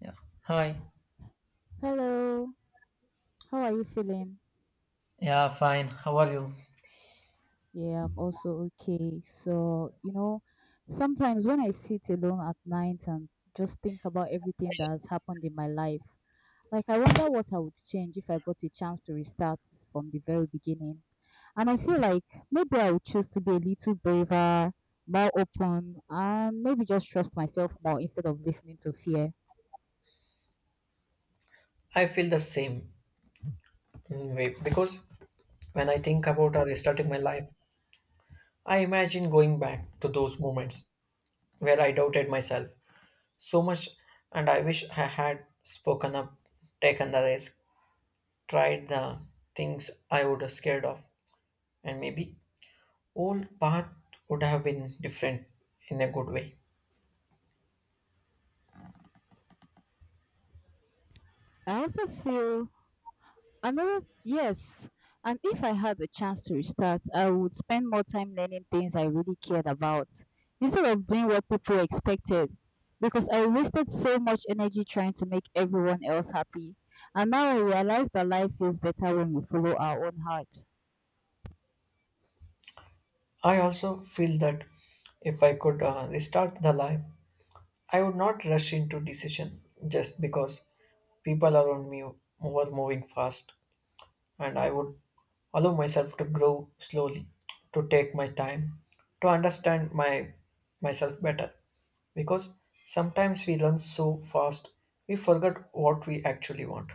Yeah. Hi. Hello, how are you feeling? Yeah, fine. How are you? Yeah, I'm also okay. So, you know, sometimes when I sit alone at night and just think about everything that has happened in my life, like I wonder what I would change if I got a chance to restart from the very beginning. And I feel like maybe I would choose to be a little braver, more open, and maybe just trust myself more instead of listening to fear. I feel the same way because when I think about restarting my life, I imagine going back to those moments where I doubted myself so much and I wish I had spoken up, taken the risk, tried the things I would have scared of, and maybe old path would have been different in a good way. I also feel another, yes. And if I had the chance to restart, I would spend more time learning things I really cared about instead of doing what people expected because I wasted so much energy trying to make everyone else happy. And now I realize that life feels better when we follow our own heart. I also feel that if I could restart the life, I would not rush into decision just because people around me were moving fast, and I would allow myself to grow slowly, to take my time, to understand my myself better. Because sometimes we run so fast, we forget what we actually want.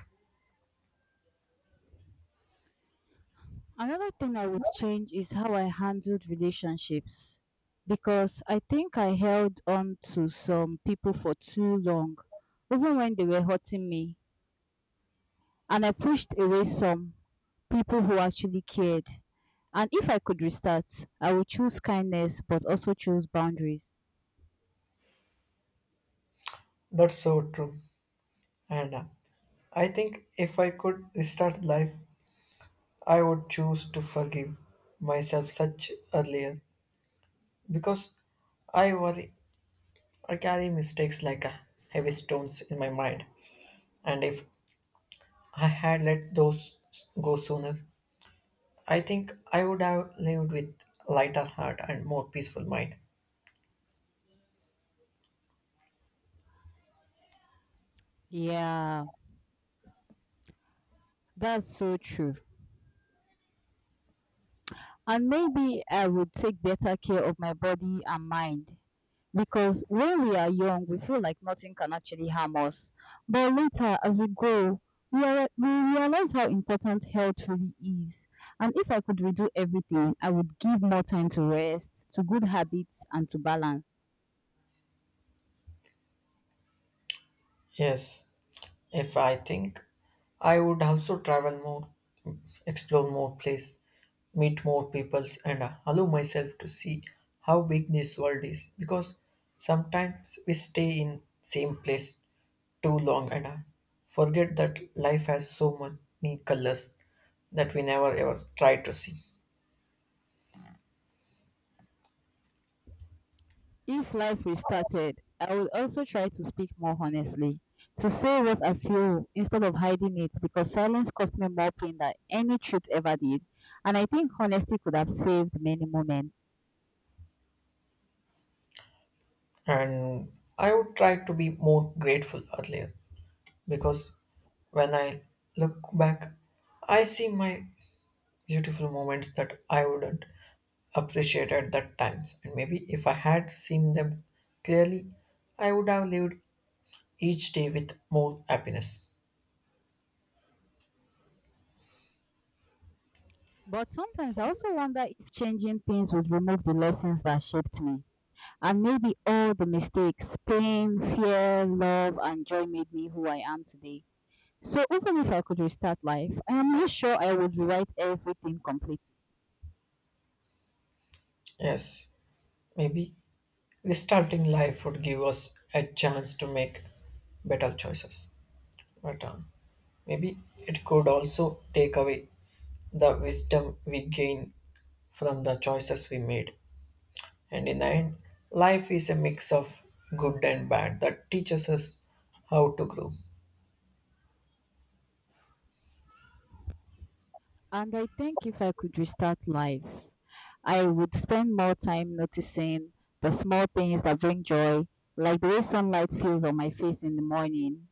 Another thing I would change is how I handled relationships because I think I held on to some people for too long, even when they were hurting me. And I pushed away some people who actually cared. And if I could restart, I would choose kindness but also choose boundaries. That's so true. And I think if I could restart life, I would choose to forgive myself such earlier because I worry I carry mistakes like heavy stones in my mind, and if I had let those go sooner, I think I would have lived with lighter heart and more peaceful mind. Yeah, that's so true. And maybe I would take better care of my body and mind. Because when we are young, we feel like nothing can actually harm us. But later, as we grow, we realize how important health really is. And if I could redo everything, I would give more time to rest, to good habits, and to balance. Yes, if I think, I would also travel more, explore more place, meet more peoples, and allow myself to see how big this world is. Because sometimes we stay in same place too long and I forget that life has so many colors that we never ever try to see. If life restarted, I would also try to speak more honestly, to say what I feel instead of hiding it because silence cost me more pain than any truth ever did. And I think honesty could have saved many moments. And I would try to be more grateful earlier because when I look back, I see my beautiful moments that I wouldn't appreciate at that times. And maybe if I had seen them clearly, I would have lived each day with more happiness. But sometimes I also wonder if changing things would remove the lessons that shaped me. And maybe all the mistakes, pain, fear, love, and joy made me who I am today. So even if I could restart life, I am not sure I would rewrite everything completely. Yes, maybe restarting life would give us a chance to make better choices. But maybe it could also take away the wisdom we gain from the choices we made. And in the end, life is a mix of good and bad that teaches us how to grow. And I think if I could restart life, I would spend more time noticing the small things that bring joy, like the way sunlight feels on my face in the morning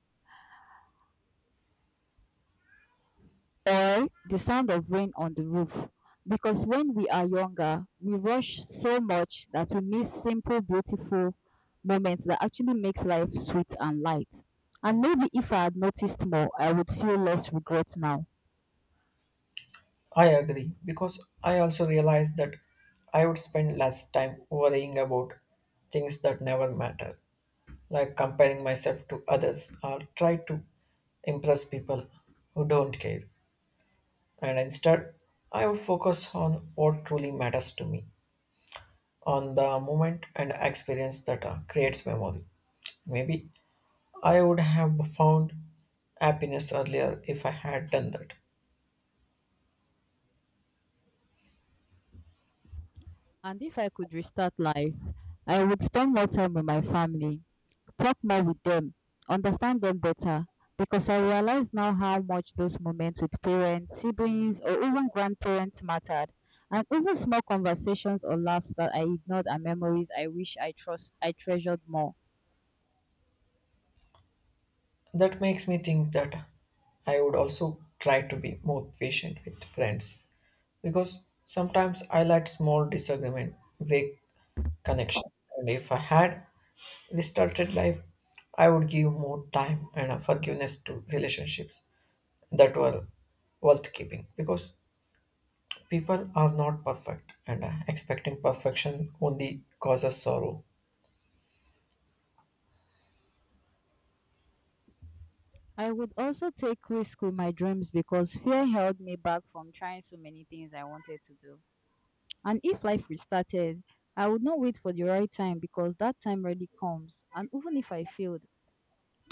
or the sound of rain on the roof. Because when we are younger, we rush so much that we miss simple, beautiful moments that actually makes life sweet and light. And maybe if I had noticed more, I would feel less regret now. I agree because I also realized that I would spend less time worrying about things that never matter like comparing myself to others or try to impress people who don't care. And instead, I would focus on what truly matters to me, on the moment and experience that creates memory. Maybe I would have found happiness earlier if I had done that. And if I could restart life, I would spend more time with my family, talk more with them, understand them better. Because I realize now how much those moments with parents, siblings, or even grandparents mattered. And even small conversations or laughs that I ignored are memories I wish I treasured more. That makes me think that I would also try to be more patient with friends because sometimes I let small disagreement break connection. And if I had restarted life, I would give more time and forgiveness to relationships that were worth keeping because people are not perfect and expecting perfection only causes sorrow. I would also take risks with my dreams because fear held me back from trying so many things I wanted to do. And if life restarted, I would not wait for the right time because that time already comes. And even if I failed,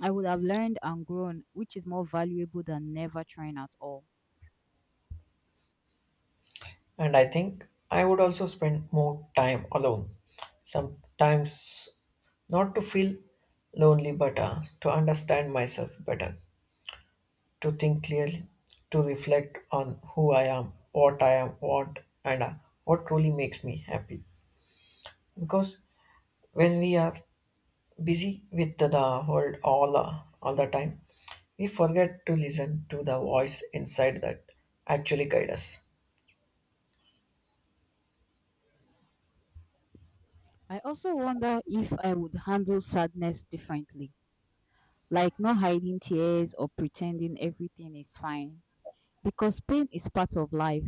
I would have learned and grown, which is more valuable than never trying at all. And I think I would also spend more time alone, sometimes not to feel lonely but to understand myself better, to think clearly, to reflect on who I am, what I am, what truly makes me happy because when we are busy with the world all the time we forget to listen to the voice inside that actually guide us. I also wonder if I would handle sadness differently, like not hiding tears or pretending everything is fine, because pain is part of life.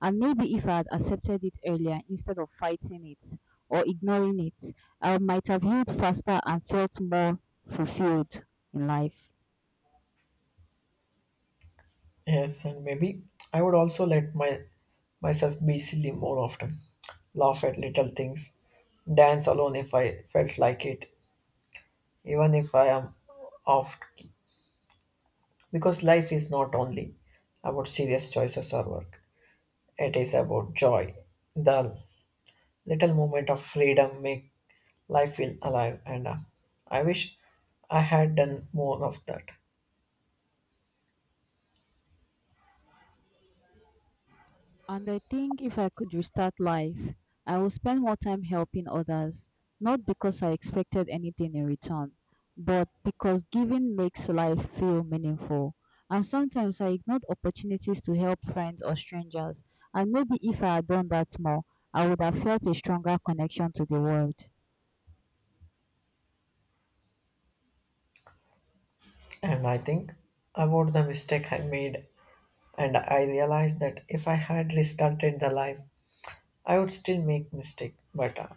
And maybe if I had accepted it earlier instead of fighting it or ignoring it, I might have healed faster and felt more fulfilled in life. Yes, and maybe I would also let my myself be silly more often, laugh at little things, dance alone if I felt like it, even if I am off key. Because life is not only about serious choices or work, it is about joy. The little moment of freedom make life feel alive, and I wish I had done more of that. And I think if I could restart life, I would spend more time helping others, not because I expected anything in return, but because giving makes life feel meaningful. And sometimes I ignored opportunities to help friends or strangers, and maybe if I had done that more, I would have felt a stronger connection to the world. And I think about the mistake I made and I realized that if I had restarted the life, I would still make mistake but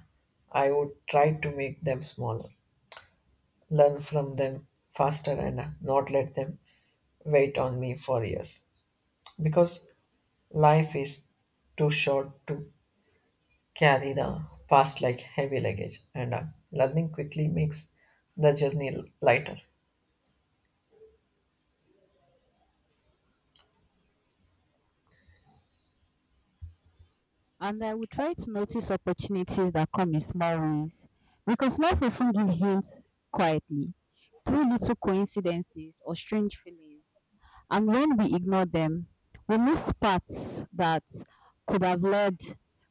I would try to make them smaller, learn from them faster, and not let them wait on me for years because life is too short to carry the past like heavy luggage, and learning quickly makes the journey lighter. And I will try to notice opportunities that come in small ways because life often gives hints quietly through little coincidences or strange feelings. And when we ignore them, we miss paths that could have led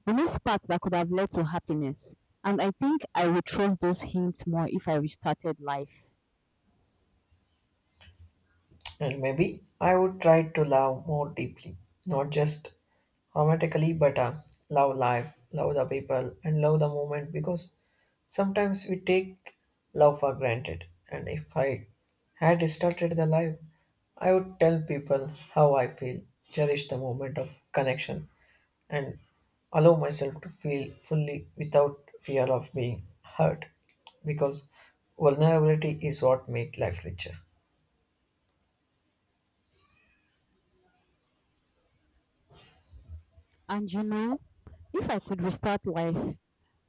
we miss paths that could have led to happiness. And I think I would trust those hints more if I restarted life. And maybe I would try to love more deeply, not just automatically, but love life, love the people, and love the moment because sometimes we take love for granted. And if I had started the life, I would tell people how I feel, cherish the moment of connection, and allow myself to feel fully without fear of being hurt because vulnerability is what makes life richer. And you know, if I could restart life,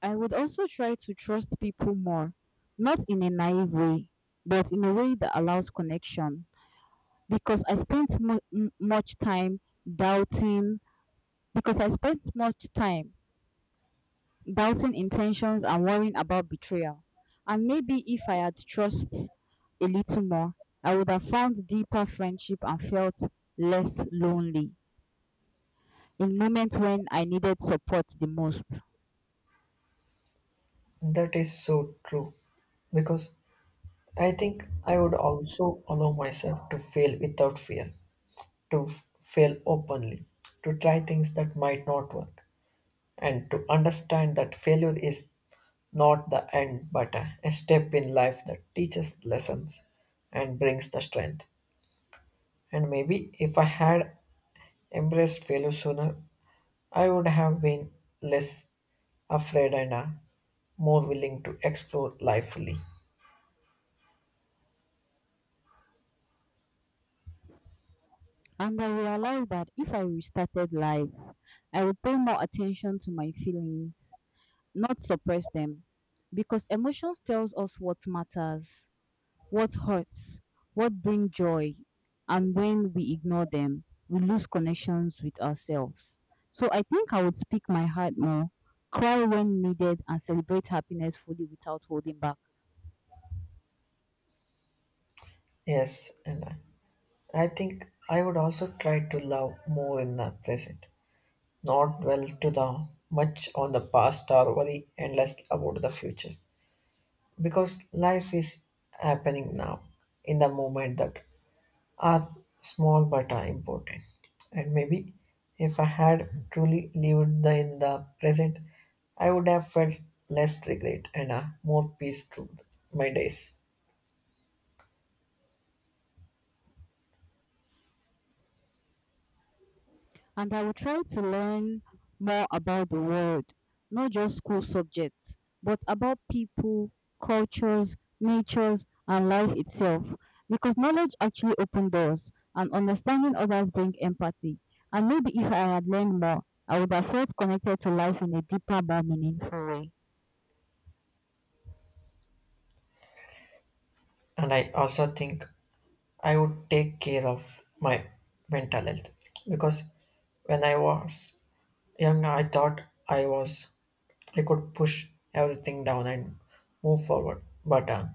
I would also try to trust people more, not in a naive way, but in a way that allows connection. Because doubting, I spent much time doubting intentions and worrying about betrayal. And maybe if I had trust a little more, I would have found deeper friendship and felt less lonely in moments when I needed support the most. That is so true because I think I would also allow myself to fail without fear, to fail openly, to try things that might not work, and to understand that failure is not the end but a step in life that teaches lessons and brings the strength. And maybe if I had embraced failure sooner, I would have been less afraid and more willing to explore life fully. And I realized that if I restarted life, I would pay more attention to my feelings, not suppress them. Because emotions tells us what matters, what hurts, what brings joy, and when we ignore them, we lose connections with ourselves. So I think I would speak my heart more, cry when needed, and celebrate happiness fully without holding back. Yes, and I. I think I would also try to love more in the present, not dwell to the much on the past or worry endlessly about the future. Because life is happening now, in the moment that are small but are important. And maybe if I had truly lived the, in the present, I would have felt less regret and a more peace through my days. And I will try to learn more about the world, not just school subjects, but about people, cultures, natures, and life itself. Because knowledge actually opens doors, and understanding others bring empathy. And maybe if I had learned more, I would have felt connected to life in a deeper, more meaningful way. And I also think I would take care of my mental health because when I was young, I thought I was I could push everything down and move forward. But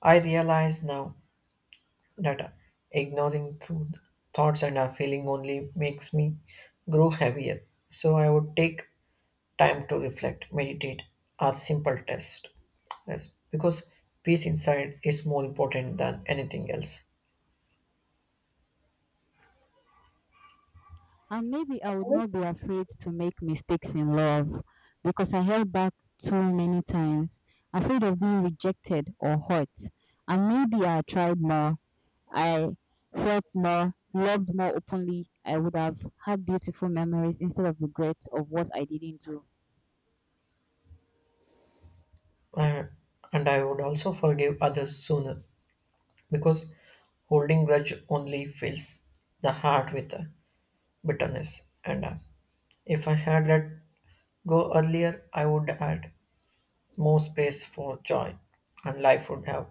I realize now that ignoring true thoughts and a feeling only makes me grow heavier. So I would take time to reflect, meditate, or simple test. Yes, because peace inside is more important than anything else. And maybe I would not be afraid to make mistakes in love because I held back too many times, afraid of being rejected or hurt. And maybe I tried more, I felt more, loved more openly. I would have had beautiful memories instead of regrets of what I didn't do. Uh, and I would also forgive others sooner because holding grudge only fills the heart with bitterness. And if I had let go earlier, I would add more space for joy and life would have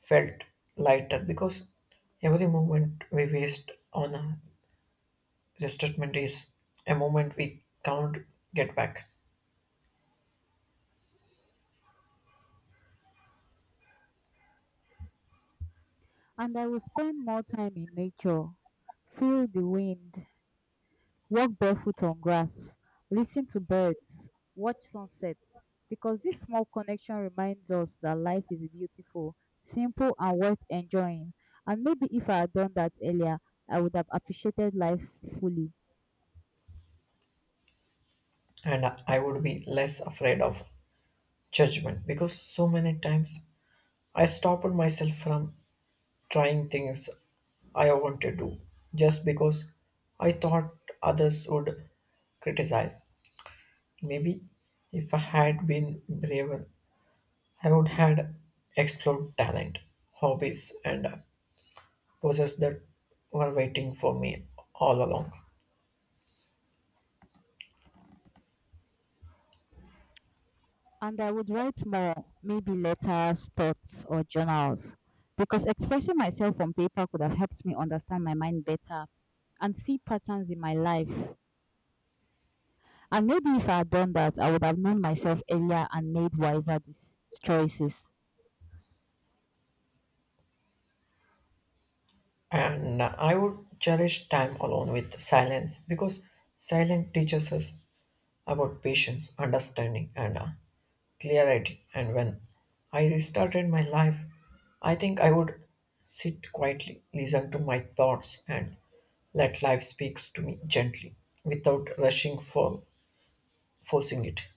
felt lighter because every moment we waste on a resentment is a moment we can't get back. And I would spend more time in nature, feel the wind, walk barefoot on grass, listen to birds, watch sunsets because this small connection reminds us that life is beautiful, simple, and worth enjoying. And maybe if I had done that earlier, I would have appreciated life fully. And I would be less afraid of judgment because so many times I stopped myself from trying things I wanted to do just because I thought others would criticize. Maybe if I had been braver, I would had explored talent, hobbies, and poses that were waiting for me all along. And I would write more, maybe letters, thoughts, or journals. Because expressing myself on paper could have helped me understand my mind better and see patterns in my life. And maybe if I had done that, I would have known myself earlier and made wiser choices. And I would cherish time alone with silence because silence teaches us about patience, understanding, and clarity. And when I restarted my life, I think I would sit quietly, listen to my thoughts, and let life speaks to me gently without rushing for forcing it.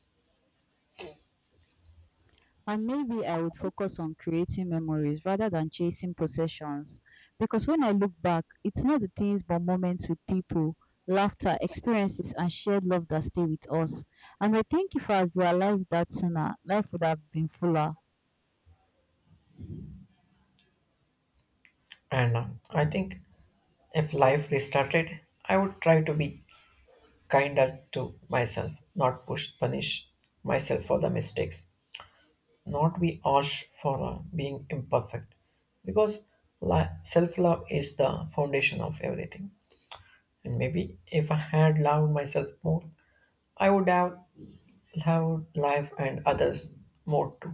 And maybe I would focus on creating memories rather than chasing possessions. Because when I look back, it's not the things but moments with people, laughter, experiences, and shared love that stay with us. And I think if I had realized that sooner, life would have been fuller. And I think if life restarted, I would try to be kinder to myself, not push punish myself for the mistakes, not be harsh for being imperfect because self-love is the foundation of everything. And maybe if I had loved myself more, I would have loved life and others more too.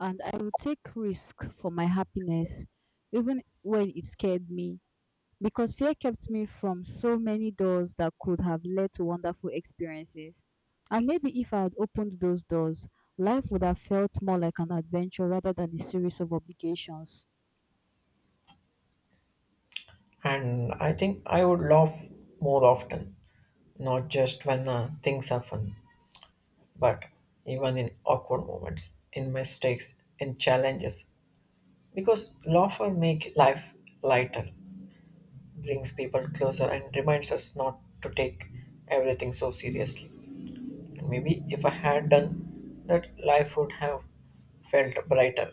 And I would take risk for my happiness, even when it scared me. Because fear kept me from so many doors that could have led to wonderful experiences. And maybe if I had opened those doors, life would have felt more like an adventure rather than a series of obligations. And I think I would laugh more often, not just when things are fun, but even in awkward moments, in mistakes, in challenges, because laughter make life lighter, brings people closer and reminds us not to take everything so seriously. And maybe if I had done that, life would have felt brighter.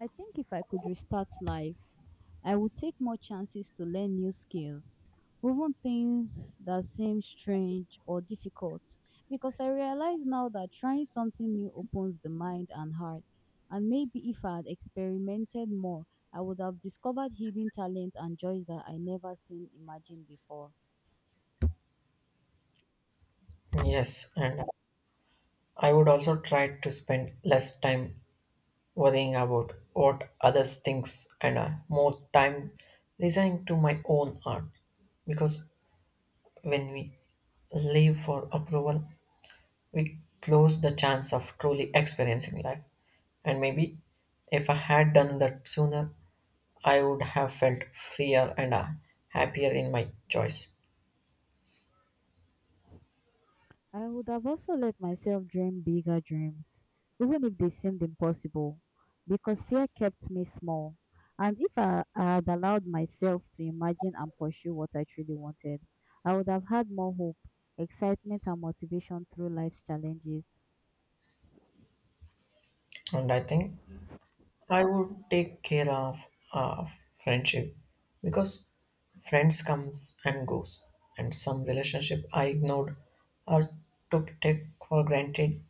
I think if I could restart life, I would take more chances to learn new skills, even things that seem strange or difficult, because I realize now that trying something new opens the mind and heart. And maybe if I had experimented more, I would have discovered hidden talent and joys that I never seen imagined before. Yes, and I would also try to spend less time worrying about what others thinks and more time listening to my own heart. Because when we live for approval, we close the chance of truly experiencing life. And maybe if I had done that sooner, I would have felt freer and happier in my choice. I would have also let myself dream bigger dreams, even if they seemed impossible, because fear kept me small. And if I had allowed myself to imagine and pursue what I truly wanted, I would have had more hope, excitement, and motivation through life's challenges. And I think I would take care of uh, friendship because friends comes and goes, and some relationship I ignored or took take for granted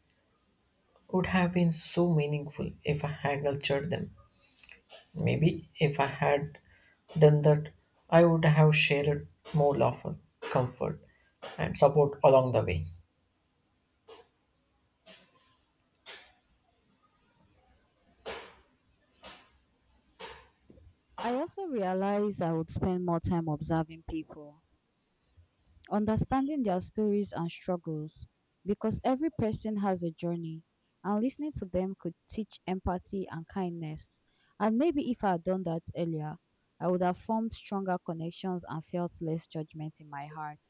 would have been so meaningful if I had nurtured them. Maybe if I had done that, I would have shared more love, comfort, and support along the way. I also realized I would spend more time observing people, understanding their stories and struggles because every person has a journey and listening to them could teach empathy and kindness. And maybe if I had done that earlier, I would have formed stronger connections and felt less judgment in my heart.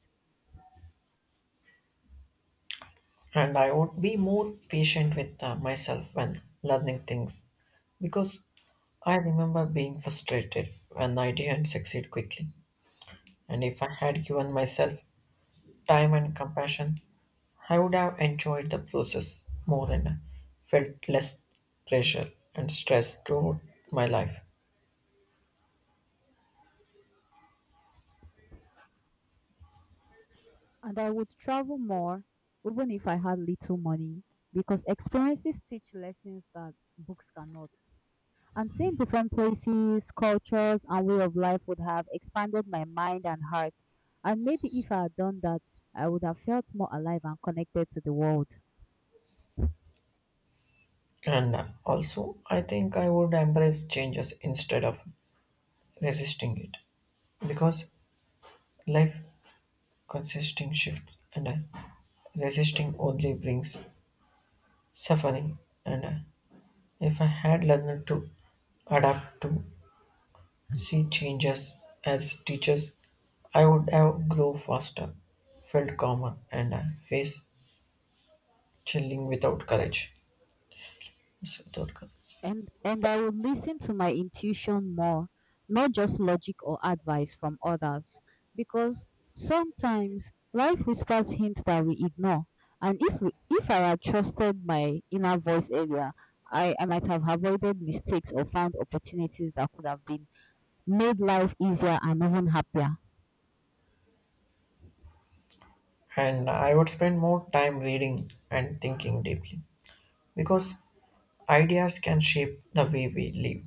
And I would be more patient with myself when learning things because I remember being frustrated when I didn't succeed quickly. And if I had given myself time and compassion, I would have enjoyed the process more and felt less pressure and stress throughout my life. And I would travel more, even if I had little money, because experiences teach lessons that books cannot. And seeing different places, cultures, and way of life would have expanded my mind and heart. And maybe if I had done that, I would have felt more alive and connected to the world. And Also, I think I would embrace changes instead of resisting it because life consisting shifts, and resisting only brings suffering, and if I had learned to adapt, to see changes as teachers, I would have grown faster, felt calmer, and faced chilling without courage. Yes, without courage. And I would listen to my intuition more, not just logic or advice from others, because sometimes life whispers hints that we ignore. And if I had trusted my inner voice earlier, I might have avoided mistakes or found opportunities that could have been made life easier and even happier. And I would spend more time reading and thinking deeply because ideas can shape the way we live.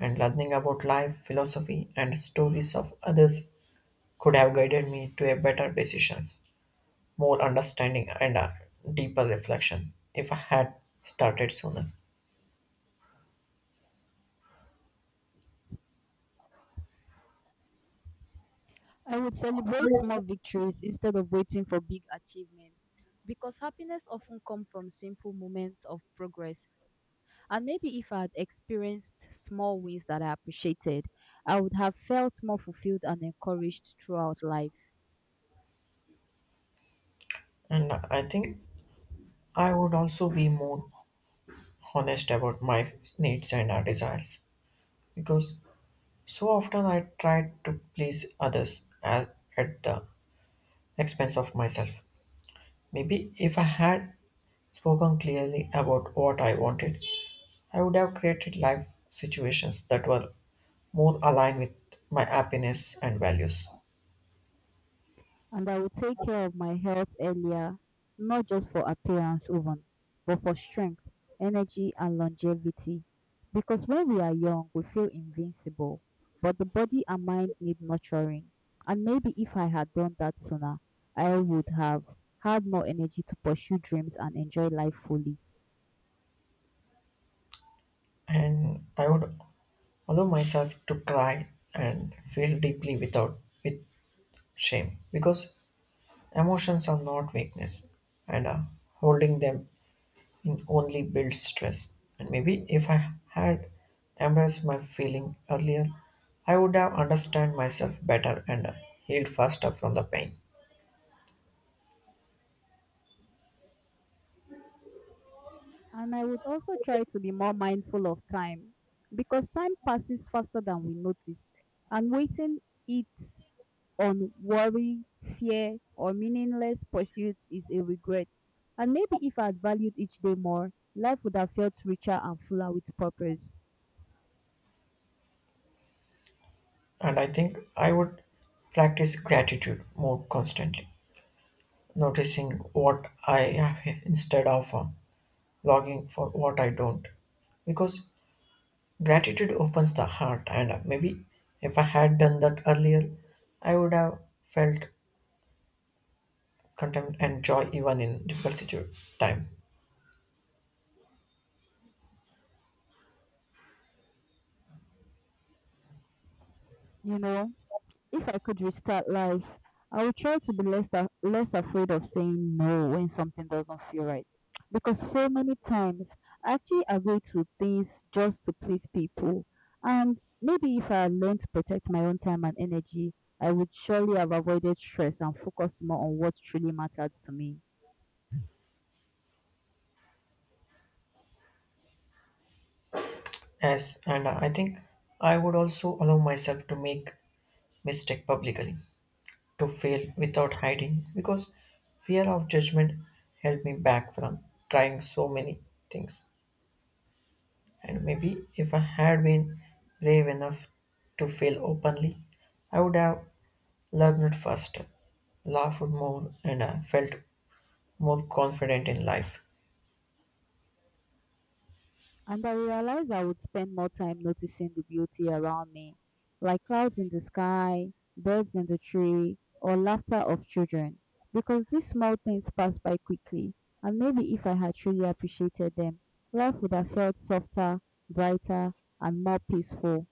And learning about life, philosophy, and stories of others could have guided me to a better decisions, more understanding and a deeper reflection if I had started sooner. I would celebrate small victories instead of waiting for big achievements because happiness often comes from simple moments of progress. And maybe if I had experienced small wins that I appreciated, I would have felt more fulfilled and encouraged throughout life. And I think I would also be more honest about my needs and desires because so often I try to please others at the expense of myself. Maybe if I had spoken clearly about what I wanted, I would have created life situations that were more aligned with my happiness and values. And I would take care of my health earlier, not just for appearance even, but for strength, energy, and longevity. Because when we are young, we feel invincible, but the body and mind need nurturing. And maybe if I had done that sooner, I would have had more energy to pursue dreams and enjoy life fully. And I would allow myself to cry and feel deeply without with shame because emotions are not weakness, and holding them in only builds stress. And maybe if I had embraced my feeling earlier, I would have understood myself better and healed faster from the pain. And I would also try to be more mindful of time because time passes faster than we notice, and waiting it on worry, fear, or meaningless pursuits is a regret. And maybe if I had valued each day more, life would have felt richer and fuller with purpose. And I think I would practice gratitude more constantly, noticing what I have instead of longing for what I don't, because gratitude opens the heart, and maybe if I had done that earlier, I would have felt contempt and joy even in time. You know, if I could restart life, I would try to be less less afraid of saying no when something doesn't feel right. Because so many times I actually agree to things just to please people. And maybe if I learned to protect my own time and energy, I would surely have avoided stress and focused more on what truly mattered to me. Yes, and I think I would also allow myself to make mistake publicly, to fail without hiding, because fear of judgment held me back from trying so many things. And maybe if I had been brave enough to fail openly, I would have learned faster, laughed more, and I felt more confident in life. And I realized I would spend more time noticing the beauty around me, like clouds in the sky, birds in the tree, or laughter of children, because these small things pass by quickly. And maybe if I had truly appreciated them, life would have felt softer, brighter, and more peaceful.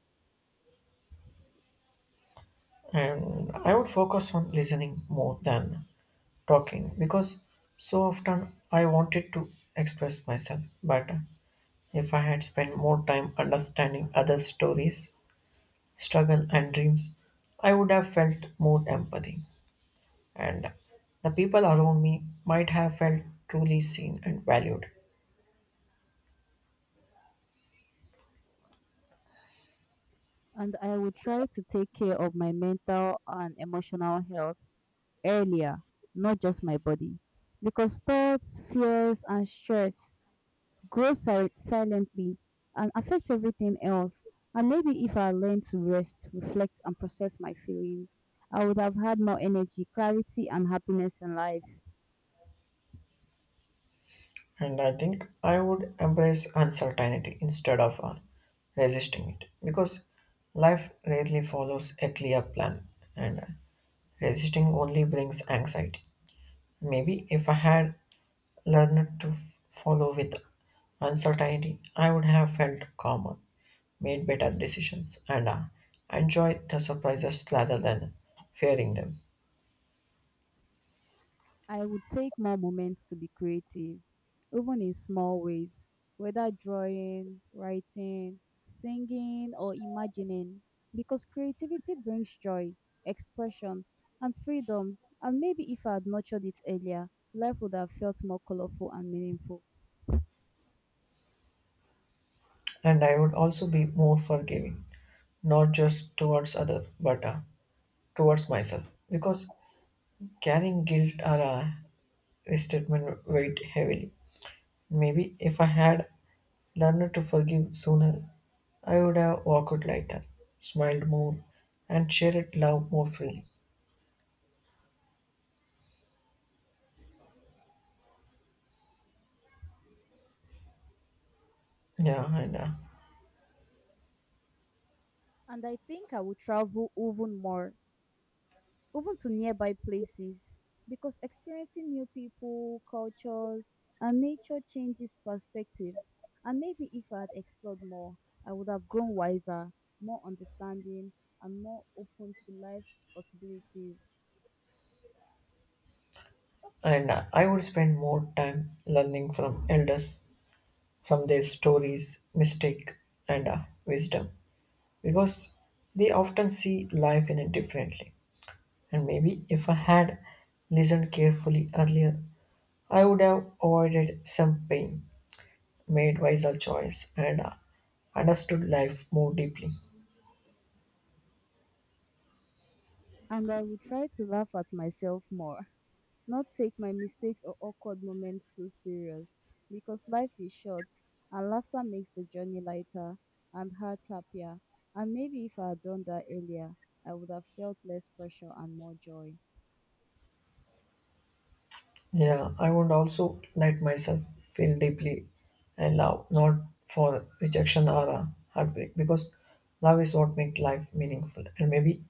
And I would focus on listening more than talking because so often I wanted to express myself. But if I had spent more time understanding others' stories, struggle, and dreams, I would have felt more empathy. And the people around me might have felt truly seen and valued. And I would try to take care of my mental and emotional health earlier, not just my body, because thoughts, fears, and stress grow silently and affect everything else. And maybe if I learned to rest, reflect, and process my feelings, I would have had more energy, clarity, and happiness in life. And I think I would embrace uncertainty instead of resisting it because life rarely follows a clear plan, and resisting only brings anxiety. Maybe if I had learned to follow with uncertainty, I would have felt calmer, made better decisions, and enjoyed the surprises rather than fearing them. I would take more moments to be creative, even in small ways, whether drawing, writing, singing, or imagining, because creativity brings joy, expression, and freedom. And maybe if I had nurtured it earlier, life would have felt more colorful and meaningful. And I would also be more forgiving, not just towards others, but towards myself because carrying guilt or a resentment weighed heavily. Maybe if I had learned to forgive sooner, I would have walked lighter, smiled more, and shared love more freely. Yeah, And I think I will travel even more, even to nearby places, because experiencing new people, cultures, and nature changes perspective. And maybe if I had explored more, I would have grown wiser, more understanding, and more open to life's possibilities. and I would spend more time learning from elders, from their stories, mistake, and wisdom, because they often see life in it differently. And maybe if I had listened carefully earlier, I would have avoided some pain, made wiser choice, and understood life more deeply. And I would try to laugh at myself more, not take my mistakes or awkward moments too serious because life is short and laughter makes the journey lighter and heart happier. And maybe if I had done that earlier, I would have felt less pressure and more joy. Yeah, I would also let myself feel deeply and love, not for rejection or heartbreak, because love is what makes life meaningful. And maybe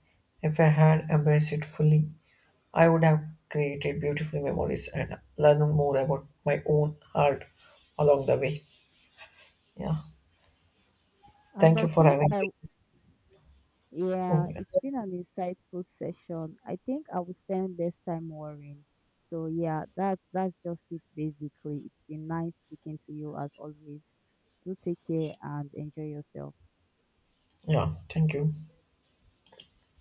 if I had embraced it fully, I would have created beautiful memories and learned more about my own heart along the way. Yeah, And thank you I for think having I, me. Oh, Yeah, yeah, it's been an insightful session. I think I will spend less time worrying. So yeah, that's just it basically. It's been nice speaking to you as always. Do take care and enjoy yourself. yeah, thank you.